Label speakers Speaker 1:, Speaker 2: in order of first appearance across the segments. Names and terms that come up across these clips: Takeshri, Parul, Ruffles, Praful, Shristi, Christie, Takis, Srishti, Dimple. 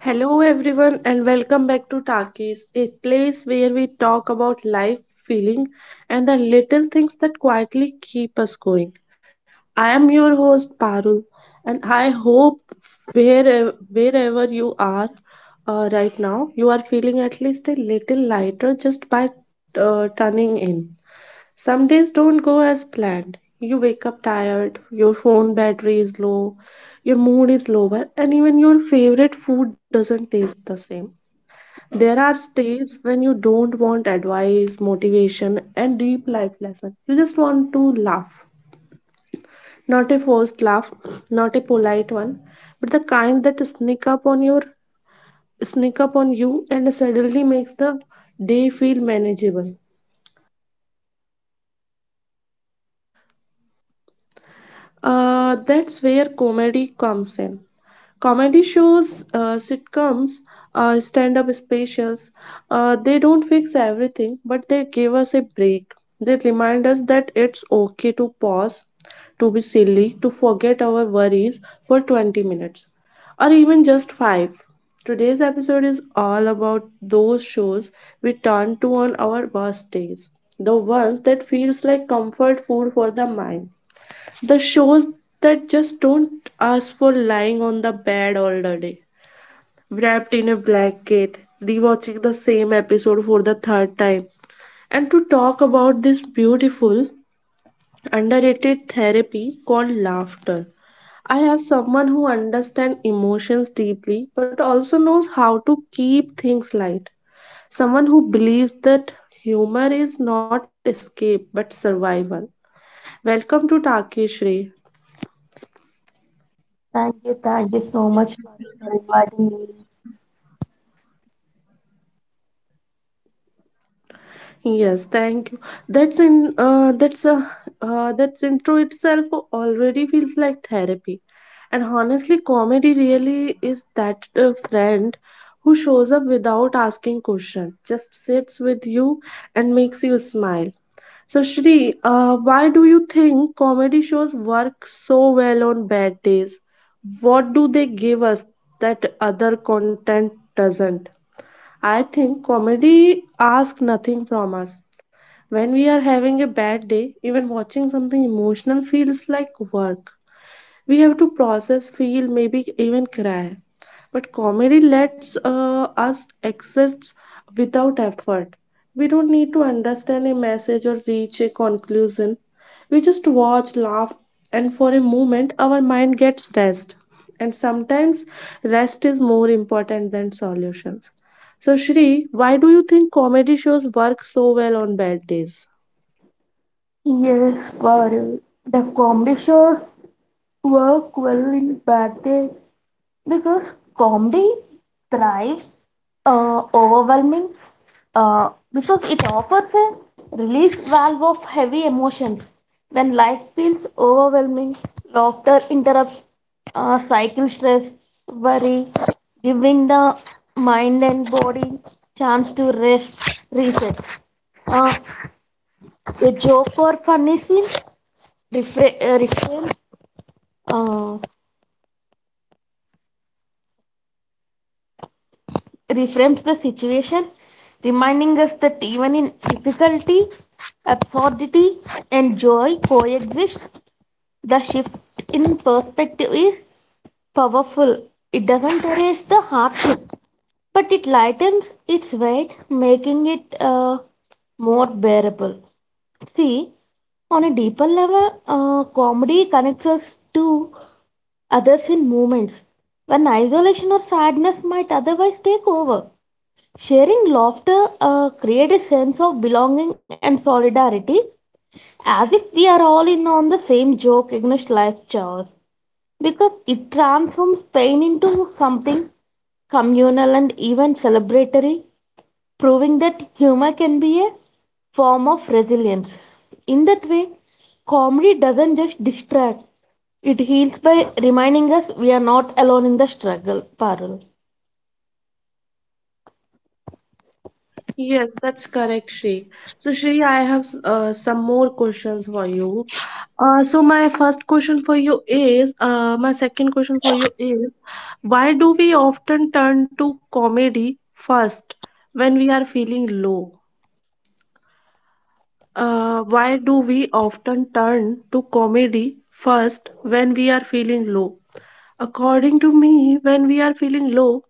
Speaker 1: Hello, everyone, and welcome back to Takis, a place where we talk about life, feeling, and the little things that quietly keep us going. I am your host, Parul, and I hope wherever you are right now, you are feeling at least a little lighter just by turning in. Some days don't go as planned. You wake up tired, your phone battery is low, your mood is lower, and even your favorite food doesn't taste the same. There are days when you don't want advice, motivation, and deep life lesson. You just want to laugh. Not a forced laugh, not a polite one, but the kind that sneak up on you and suddenly makes the day feel manageable. That's where comedy comes in. Comedy shows, sitcoms, stand up specials, they don't fix everything, but they give us a break. They remind us that it's okay to pause, to be silly, to forget our worries for 20 minutes, or even just 5. Today's episode is all about those shows we turn to on our worst days, the ones that feels like comfort food for the mind. The shows that just don't ask for lying on the bed all the day, wrapped in a blanket, rewatching the same episode for the third time. And to talk about this beautiful, underrated therapy called laughter. I have someone who understands emotions deeply but also knows how to keep things light. Someone who believes that humor is not escape but survival. Welcome to Takeshri.
Speaker 2: Thank you so much, Parul, for inviting me.
Speaker 1: Yes, thank you. That's in that's That's intro itself already feels like therapy. And honestly, comedy really is that friend who shows up without asking questions, just sits with you and makes you smile. So, Shri, why do you think comedy shows work so well on bad days? What do they give us that other content doesn't? I think comedy asks nothing from us when we are having a bad day, even watching something emotional feels like work. We have to process, feel, maybe even cry. But comedy lets us exist without effort. We don't need to understand a message or reach a conclusion. We just watch, laugh, and for a moment our mind gets rest. And sometimes rest is more important than solutions. So, Shri, why do you think comedy shows work so well on bad days?
Speaker 2: Yes, Parul, the comedy shows work well in bad days because comedy thrives overwhelming because it offers a release valve of heavy emotions when life feels overwhelming laughter interrupts cycle stress worry giving the mind and body chance to rest reset uh, a joke or funny scene reframes uh, reframes the situation, reminding us that even in difficulty, absurdity, and joy coexist. The shift in perspective is powerful. It doesn't erase the hardship, but it lightens its weight, making it more bearable. See, on a deeper level, comedy connects us to others in moments when isolation or sadness might otherwise take over. Sharing laughter creates a sense of belonging and solidarity as if we are all in on the same joke against life chores because it transforms pain into something communal and even celebratory, proving that humor can be a form of resilience. In that way, comedy doesn't just distract, it heals by reminding us we are not alone in the struggle. Parul.
Speaker 1: Yes, that's correct, Shree. So, Shree, I have some more questions for you. So, my first question for you is, My second question for you is, why do we often turn to comedy first when we are feeling low? Why do we often turn to comedy first when we are feeling low? According to me, when we are feeling low,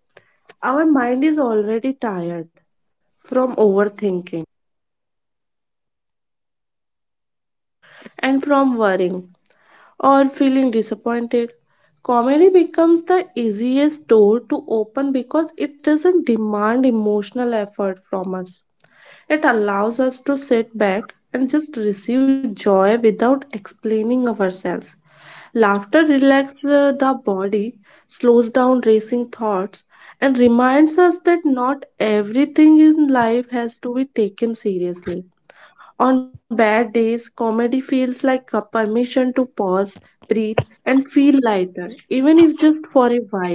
Speaker 1: our mind is already tired from overthinking and from worrying. Or feeling disappointed. Comedy becomes the easiest door to open because it doesn't demand emotional effort from us. It allows us to sit back and just receive joy without explaining ourselves. Laughter relaxes the body, slows down racing thoughts, and reminds us that not everything in life has to be taken seriously. On bad days, comedy feels like a permission to pause, breathe, and feel lighter, even if just for a while.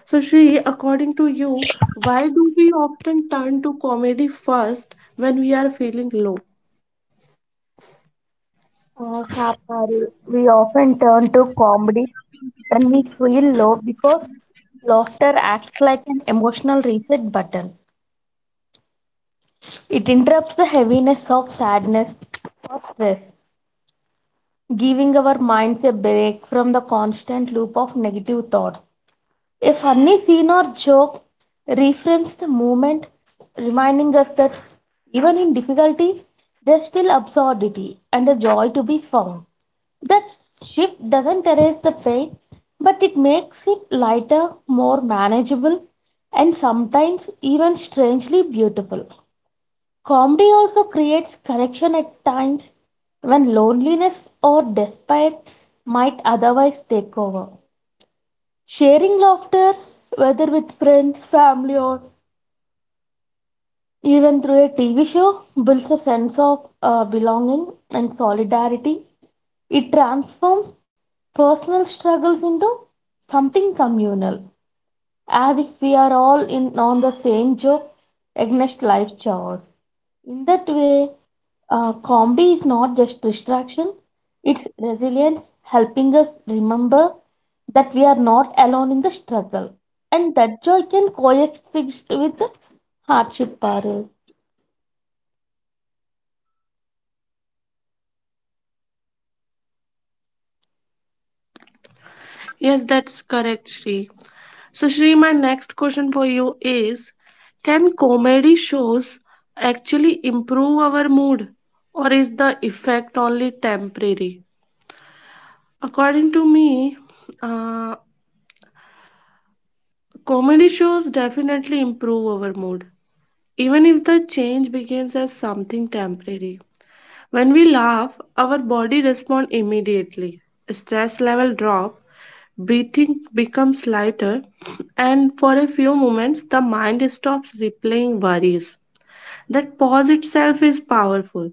Speaker 1: So, Shri, according to you, why do we often turn to comedy first when we are feeling low?
Speaker 2: Kaparu, we often turn to comedy when we feel low because laughter acts like an emotional reset button. It interrupts the heaviness of sadness or stress, giving our minds a break from the constant loop of negative thoughts. A funny scene or joke reframes the moment, reminding us that even in difficulty, there's still absurdity and a joy to be found. That shift doesn't erase the pain, but it makes it lighter, more manageable, and sometimes even strangely beautiful. Comedy also creates connection at times when loneliness or despair might otherwise take over. Sharing laughter, whether with friends, family, or even through a TV show, builds a sense of belonging and solidarity. It transforms personal struggles into something communal as if we are all in on the same joke against life chaos. In that way, comedy is not just distraction, it's resilience helping us remember that we are not alone in the struggle and that joy can coexist with the hardship, Parul.
Speaker 1: Yes, that's correct, Shri. So, Shri, my next question for you is, can comedy shows actually improve our mood, or is the effect only temporary? According to me, uh, comedy shows definitely improve our mood, even if the change begins as something temporary. When we laugh, our body responds immediately. Stress level drop, breathing becomes lighter, and for a few moments the mind stops replaying worries. That pause itself is powerful.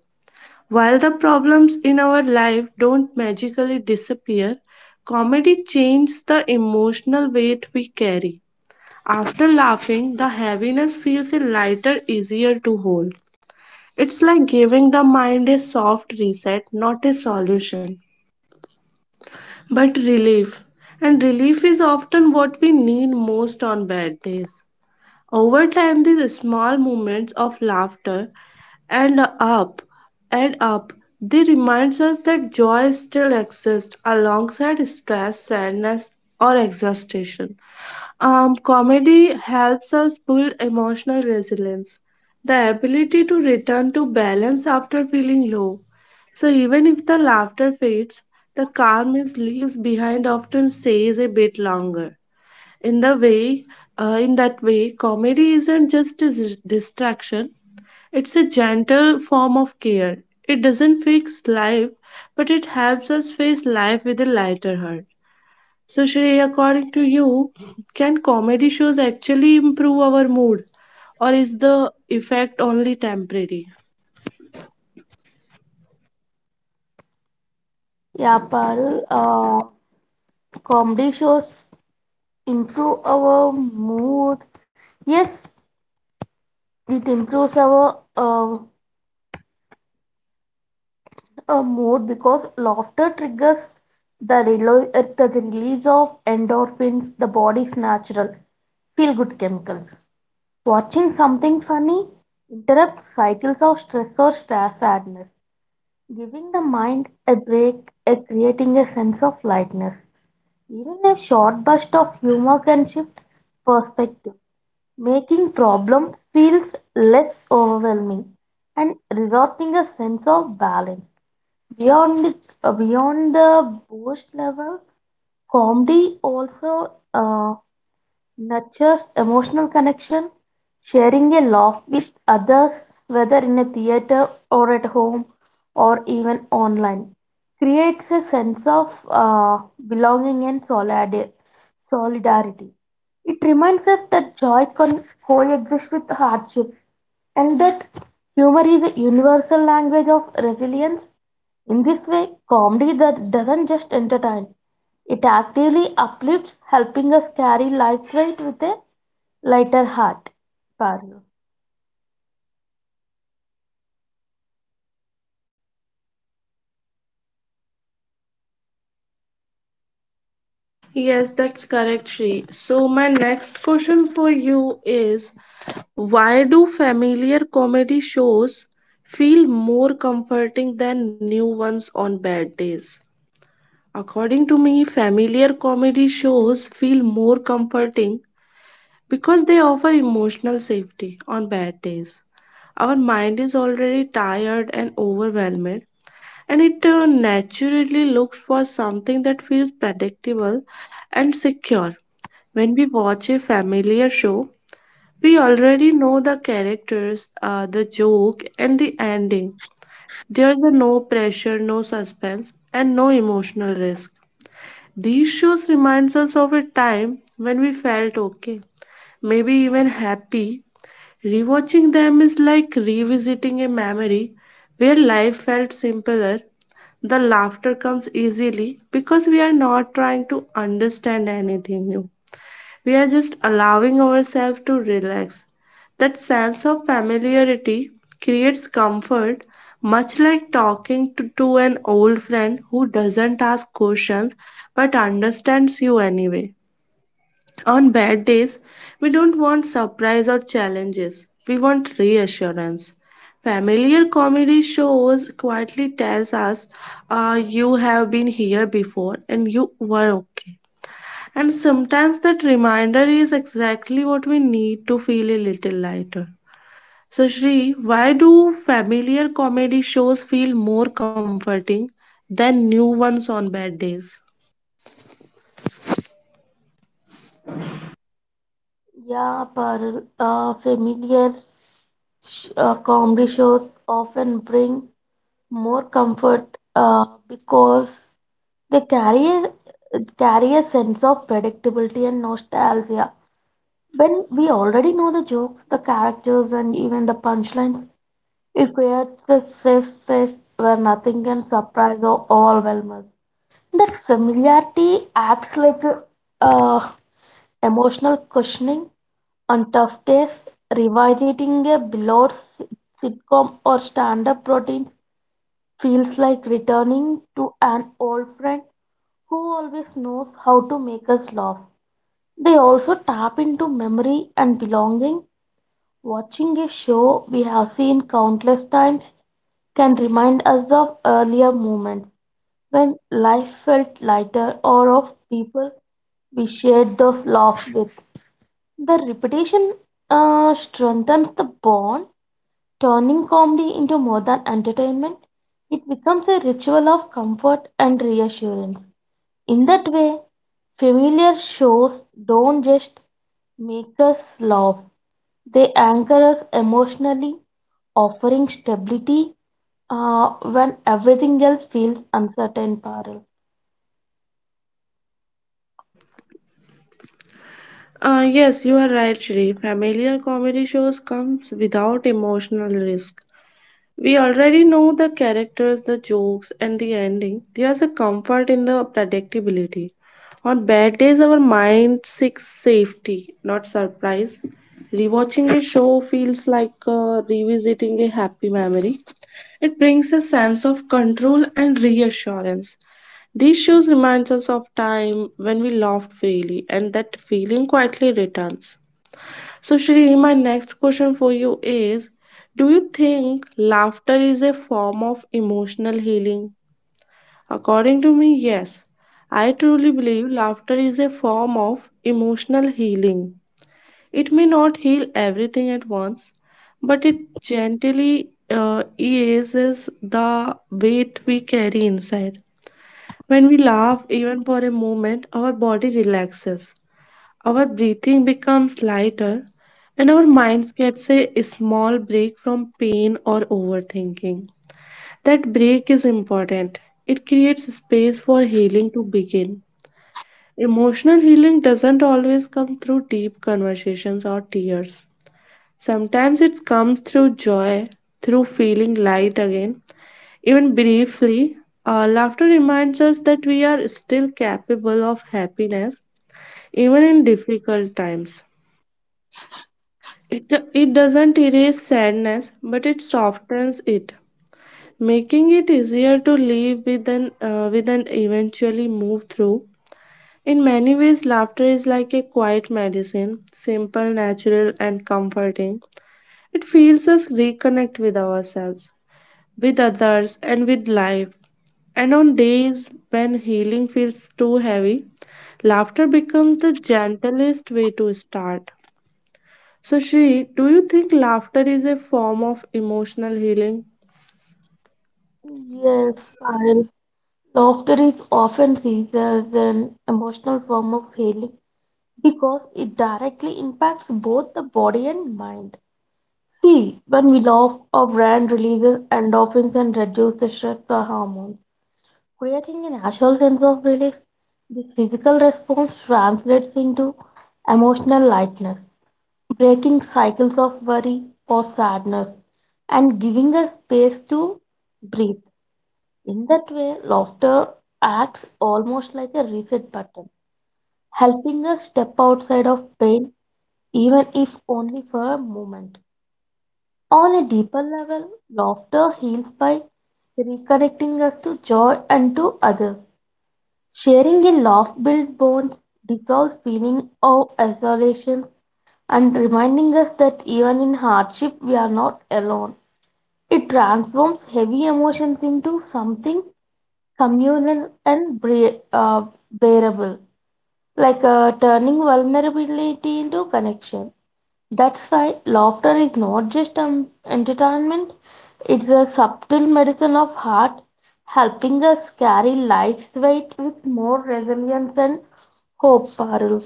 Speaker 1: While the problems in our life don't magically disappear, comedy changes the emotional weight we carry. After laughing, the heaviness feels lighter, easier to hold. It's like giving the mind a soft reset, not a solution, but relief. And relief is often what we need most on bad days. Over time, these small moments of laughter and up and up they remind us that joy still exists alongside stress, sadness, or exhaustion. Comedy helps us build emotional resilience, the ability to return to balance after feeling low. So even if the laughter fades, the calm it leaves behind often stays a bit longer in the way in that way comedy isn't just a distraction, it's a gentle form of care. It doesn't fix life but it helps us face life with a lighter heart. So, Shreya, according to you, can comedy shows actually improve our mood, or is the effect only temporary?
Speaker 2: Yeah, Parul, comedy shows improve our mood. Yes, it improves our a mood because laughter triggers the release of endorphins, the body's natural feel good chemicals. Watching something funny interrupts cycles of stress or sadness, giving the mind a break and creating a sense of lightness. Even a short burst of humor can shift perspective, making problems feels less overwhelming and resorting a sense of balance. Beyond beyond the boast level, comedy also Nurtures emotional connection, sharing a laugh with others, whether in a theater or at home or even online. Creates a sense of belonging and solidarity. It reminds us that joy can coexist with hardship and that humor is a universal language of resilience. In this way, comedy that doesn't just entertain it actively uplifts, helping us carry life weight with a lighter heart. Parul.
Speaker 1: Yes, that's correct, Shri. So my next question for you is, why do familiar comedy shows feel more comforting than new ones on bad days? According to me, familiar comedy shows feel more comforting because they offer emotional safety on bad days. Our mind is already tired and overwhelmed, and it naturally looks for something that feels predictable and secure. When we watch a familiar show, we already know the characters, the joke, and the ending. There's a no pressure, no suspense, and no emotional risk. These shows reminds us of a time when we felt okay, maybe even happy. Rewatching them is like revisiting a memory where life felt simpler. The laughter comes easily because we are not trying to understand anything new. We are just allowing ourselves to relax. That sense of familiarity creates comfort, much like talking to an old friend who doesn't ask questions but understands you anyway. On bad days, we don't want surprise or challenges, we want reassurance. Familiar comedy shows quietly tells us you have been here before and you were okay. And sometimes that reminder is exactly what we need to feel a little lighter. So, Shri, why do familiar comedy shows feel more comforting than new ones on bad days?
Speaker 2: Yeah, Parul, familiar comedy shows often bring more comfort because they carry a sense of predictability and nostalgia. When we already know the jokes, the characters, and even the punchlines, it creates a safe space where nothing can surprise or overwhelm us. That familiarity acts like uh, emotional cushioning on tough days. Revisiting a beloved sitcom or stand-up routine feels like returning to an old friend who always knows how to make us laugh. They also tap into memory and belonging. Watching a show we have seen countless times can remind us of earlier moments when life felt lighter or of people we shared those laughs with. The repetition strengthens the bond, turning comedy into more than entertainment. It becomes a ritual of comfort and reassurance. In that way, familiar shows don't just make us laugh, they anchor us emotionally, offering stability uh, when everything else feels uncertain, Parul.
Speaker 1: Yes, you are right, Shri. Familiar comedy shows comes without emotional risk. We already know the characters, the jokes, and the ending. There's a comfort in the predictability. On bad days, our mind seeks safety, not surprise. Rewatching a show feels like revisiting a happy memory. It brings a sense of control and reassurance. These shows reminds us of time when we laughed freely, and that feeling quietly returns. So, Shri, my next question for you is, do you think laughter is a form of emotional healing? According to me, yes. I truly believe laughter is a form of emotional healing. It may not heal everything at once, but it gently eases the weight we carry inside. When we laugh, even for a moment, our body relaxes, our breathing becomes lighter, and our minds gets a small break from pain or overthinking. That break is important. It creates space for healing to begin. Emotional healing doesn't always come through deep conversations or tears. Sometimes it comes through joy, through feeling light again, even briefly, laughter reminds us that we are still capable of happiness even in difficult times. It, it doesn't erase sadness, but it softens it, making it easier to live with and eventually move through. In many ways, laughter is like a quiet medicine, simple, natural, and comforting. It feels us reconnect with ourselves with others, and with life. And on days when healing feels too heavy, laughter becomes the gentlest way to start. So, Shri, do you think laughter is a form of emotional healing?
Speaker 2: Yes, Payal. Laughter is often seen as an emotional form of healing because it directly impacts both the body and mind. See, when we laugh, our brain releases endorphins and reduces the stress hormones, creating a natural sense of relief. This physical response translates into emotional lightness, breaking cycles of worry or sadness, and giving us space to breathe. In that way, laughter acts almost like a reset button, helping us step outside of pain, even if only for a moment. On a deeper level, laughter heals by reconnecting us to joy and to others. Sharing a laugh builds bonds, dissolves feeling of isolation, and reminding us that even in hardship we are not alone. It transforms heavy emotions into something communal and bearable, like turning vulnerability into connection. That's why laughter is not just entertainment, it's a subtle medicine of heart, helping us carry life's weight with more resilience and hope, Parul.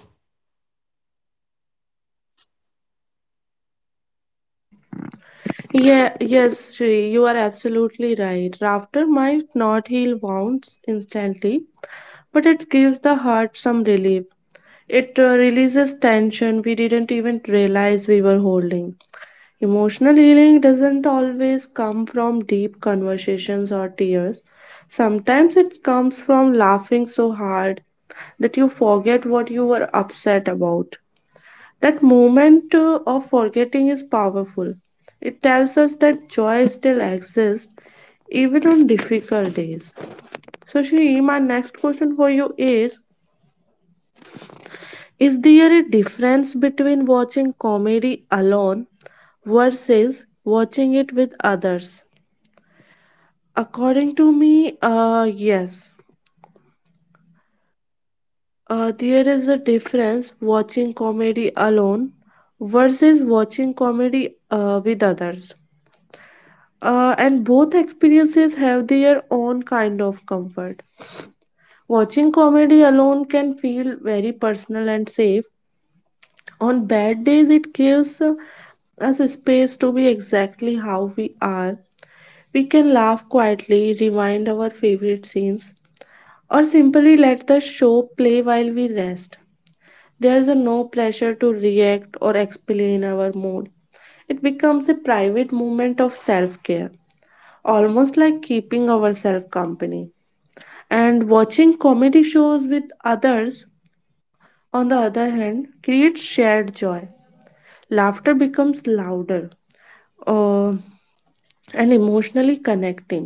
Speaker 1: Yeah, Yes, Shri, you are absolutely right. Laughter might not heal wounds instantly, but it gives the heart some relief. It releases tension we didn't even realize we were holding. Emotional healing doesn't always come from deep conversations or tears. Sometimes it comes from laughing so hard that you forget what you were upset about. That moment of forgetting is powerful. It tells us that joy still exists even on difficult days. So, Shri, my next question for you is there a difference between watching comedy alone versus watching it with others? According to me, yes. There is a difference watching comedy alone versus watching comedy with others. And both experiences have their own kind of comfort. Watching comedy alone can feel very personal and safe. On bad days, it gives us a space to be exactly how we are. We can laugh quietly, rewind our favorite scenes, or simply let the show play while we rest. There is a no pressure to react or explain our mood. It becomes a private moment of self care, almost like keeping ourselves company. And watching comedy shows with others, on the other hand, creates shared joy. Laughter becomes louder uh, and emotionally connecting.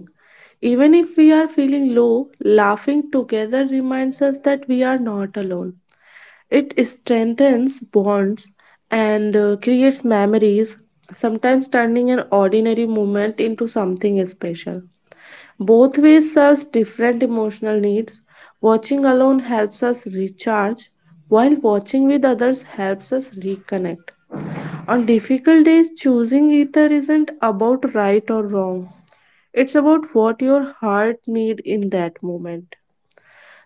Speaker 1: Even if we are feeling low, laughing together reminds us that we are not alone. It strengthens bonds and creates memories, sometimes turning an ordinary moment into something special. Both ways serves different emotional needs. Watching alone helps us recharge, while watching with others helps us reconnect. On difficult days, choosing either isn't about right or wrong. It's about what your heart need in that moment.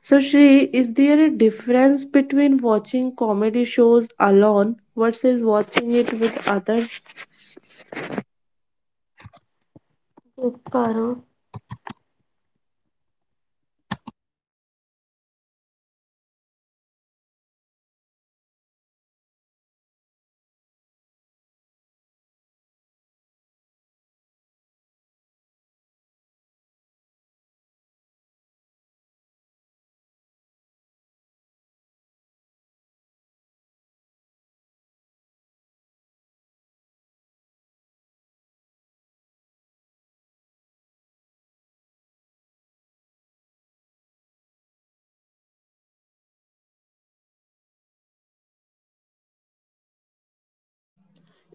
Speaker 1: So, Shri, is there a difference between watching comedy shows alone versus watching it with others?
Speaker 2: Yes, Parul.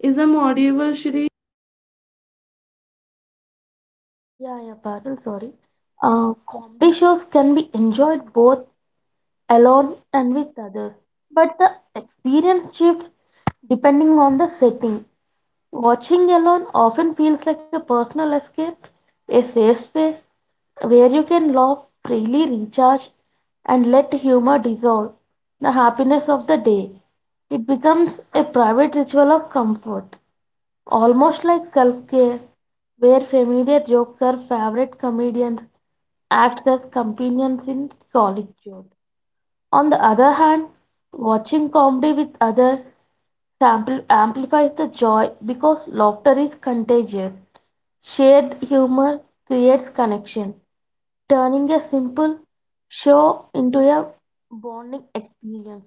Speaker 1: Is I'm audible, Shri?
Speaker 2: Yeah, yeah, Parul, sorry. Comedy shows can be enjoyed both alone and with others, but the experience shifts depending on the setting. Watching alone often feels like a personal escape, a safe space where you can laugh freely, recharge, and let humor dissolve the happiness of the day. It becomes a private ritual of comfort, almost like self care, where familiar jokes or favorite comedians act as companions in solitude. On the other hand, watching comedy with others amplifies the joy because laughter is contagious. Shared humor creates connection, turning a simple show into a bonding experience.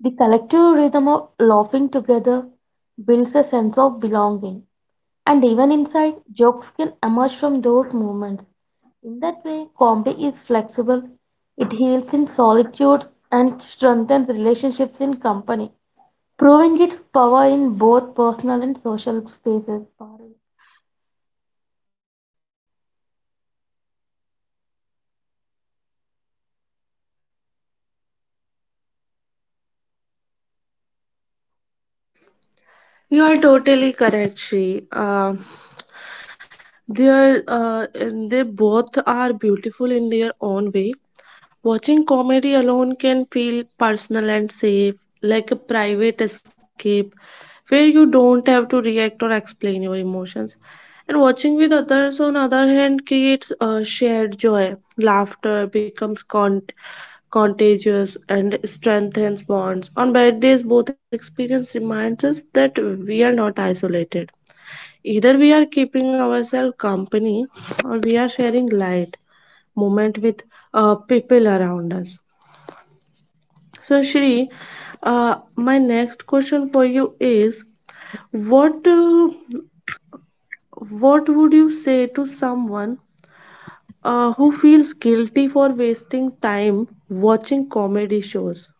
Speaker 2: The collective rhythm of laughing together builds a sense of belonging, and even inside, jokes can emerge from those moments. In that way, comedy is flexible. It heals in solitude and strengthens relationships in company, proving its power in both personal and social spaces. Parul,
Speaker 1: You are totally correct, Shri. They're, and they both are beautiful in their own way. Watching comedy alone can feel personal and safe like a private escape where you don't have to react or explain your emotions. And watching with others, on other hand, creates a shared joy. Laughter becomes contagious and strengthens bonds. On bad days, both experience reminds us that we are not isolated. Either we are keeping ourselves company or we are sharing light moment with people around us. So, Shri, my next question for you is, what uh, what would you say to someone who feels guilty for wasting time watching comedy shows?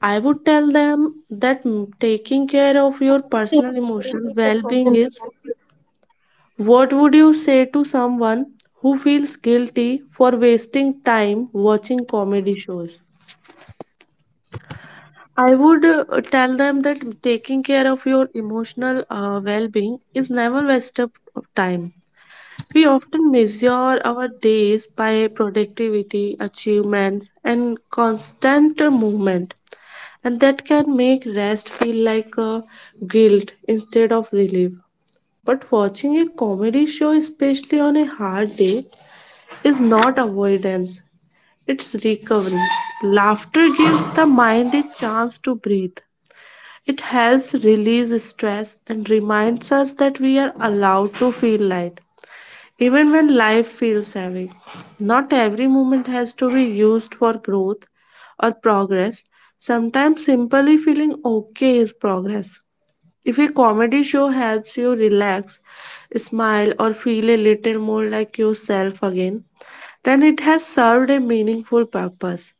Speaker 1: I would tell them that taking care of your
Speaker 2: please
Speaker 1: personal emotional
Speaker 2: repeat the
Speaker 1: well-being
Speaker 2: question.
Speaker 1: is.
Speaker 2: Parul.
Speaker 1: What would you say to someone who feels guilty for wasting time watching comedy shows? I would tell them that taking care of your emotional well being is never waste of time. We often measure our days by productivity, achievements, and constant movement, and that can make rest feel like guilt instead of relief. But watching a comedy show, especially on a hard day, is not avoidance, it's recovery. Laughter gives the mind a chance to breathe. It helps release stress and reminds us that we are allowed to feel light, even when life feels heavy. Not every moment has to be used for growth or progress. Sometimes simply feeling okay is progress. If a comedy show helps you relax, smile, or feel a little more like yourself again, then it has served a meaningful purpose.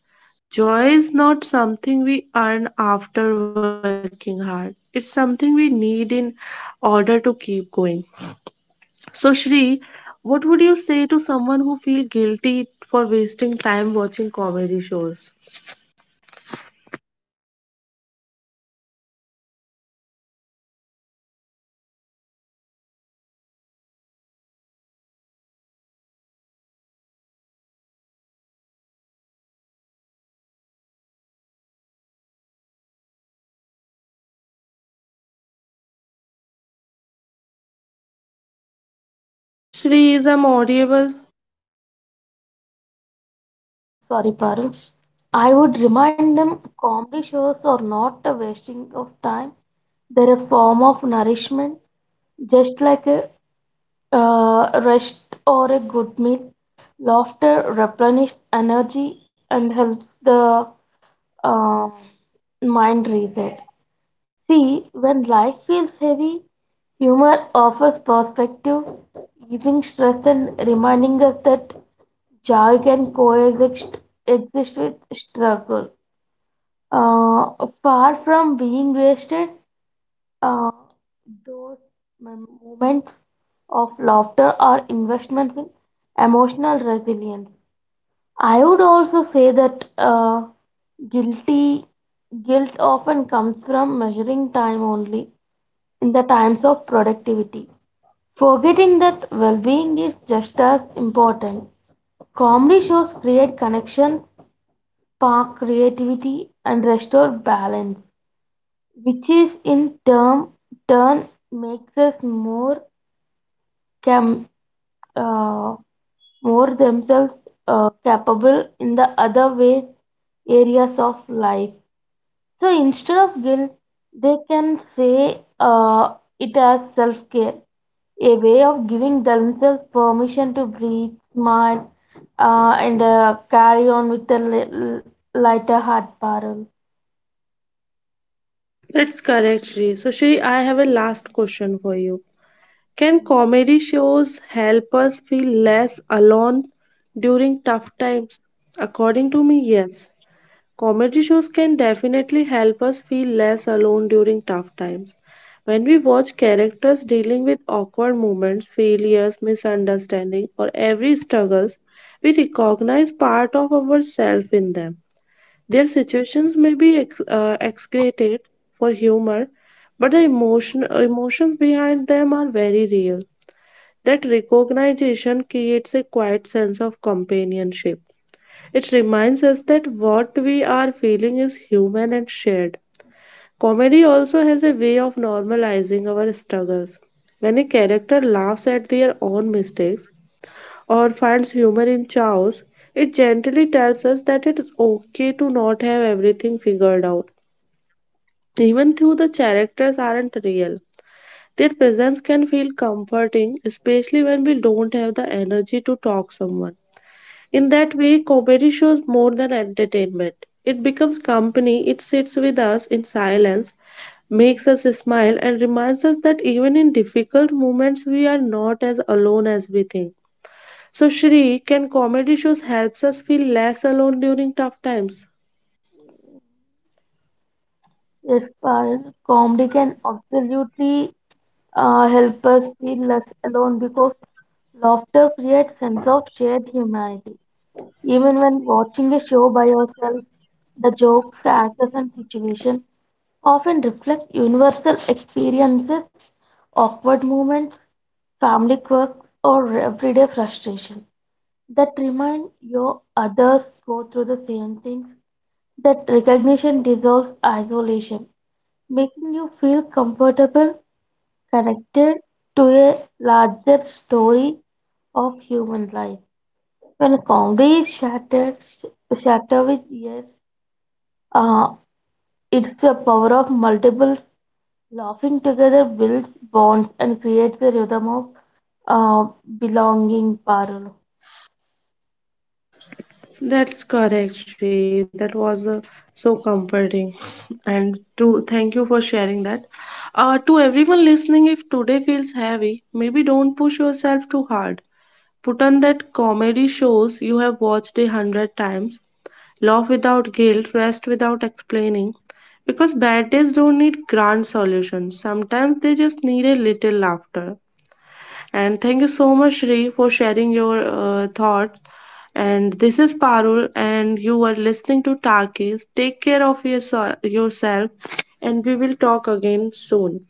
Speaker 1: Joy is not something we earn after working hard. It's something we need in order to keep going. So, Shri, what would you say to someone who feels guilty for wasting time watching comedy shows? Shri, is I'm audible?
Speaker 2: Oh, sorry, Parul. I would remind them comedy shows are not a wasting of time. They're a form of nourishment, just like a rest or a good meal. Laughter replenishes energy and helps the uh, mind reset. See, when life feels heavy, humor offers perspective, easing stress and reminding us that joy can coexist exist with struggle. Uh, Far from being wasted, uh, those moments of laughter are investments in emotional resilience. I would also say that guilty guilt often comes from measuring time only in the times of productivity, forgetting that well-being is just as important. Comedy shows create connection, spark creativity, and restore balance, which is in turn makes us more cam uh, more themselves capable in the other ways areas of life. So instead of guilt, they can say it as self care, a way of giving themselves permission to breathe, smile, and carry on with a lighter heart, Parul.
Speaker 1: That's correct, Shri. So, Shri, I have a last question for you. Can comedy shows help us feel less alone during tough times? According to me, yes. Comedy shows can definitely help us feel less alone during tough times. When we watch characters dealing with awkward moments, failures, misunderstanding, or every struggles, we recognize part of ourselves in them. Their situations may be excreted for humor, but the emotions behind them are very real. That recognition creates a quiet sense of companionship. It reminds us that what we are feeling is human and shared. Comedy also has a way of normalizing our struggles. When a character laughs at their own mistakes or finds humor in chaos, it gently tells us that it is okay to not have everything figured out. Even though the characters aren't real, their presence can feel comforting, especially when we don't have the energy to talk someone. In that way, comedy shows more than entertainment. It becomes company, it sits with us in silence, makes us smile, and reminds us that even in difficult moments, we are not as alone as we think. So, Shri, can comedy shows helps us feel less alone during tough times?
Speaker 2: Yes, Parul, comedy can absolutely help us feel less alone because laughter creates sense of shared humanity. Even when watching a show by yourself, the jokes, actors, and situation often reflect universal experiences, awkward moments, family quirks, or everyday frustration that remind you others go through the same things. That recognition dissolves isolation, making you feel comfortable, connected to a larger story of human life. When Congress shattered, shatter with years, uh, it's the power of multiples laughing together builds bonds and creates a rhythm of uh, belonging. Parul.
Speaker 1: That's correct, Shri. That was so comforting. And to thank you for sharing that. To everyone listening, if today feels heavy, maybe don't push yourself too hard. Put on that comedy shows you have watched 100 times, laugh without guilt, rest without explaining. Because bad days don't need grand solutions, sometimes they just need a little laughter. And thank you so much, Shri, for sharing your thoughts. And this is Parul, and you are listening to Takis. Take care of yourself, yourself, and we will talk again soon.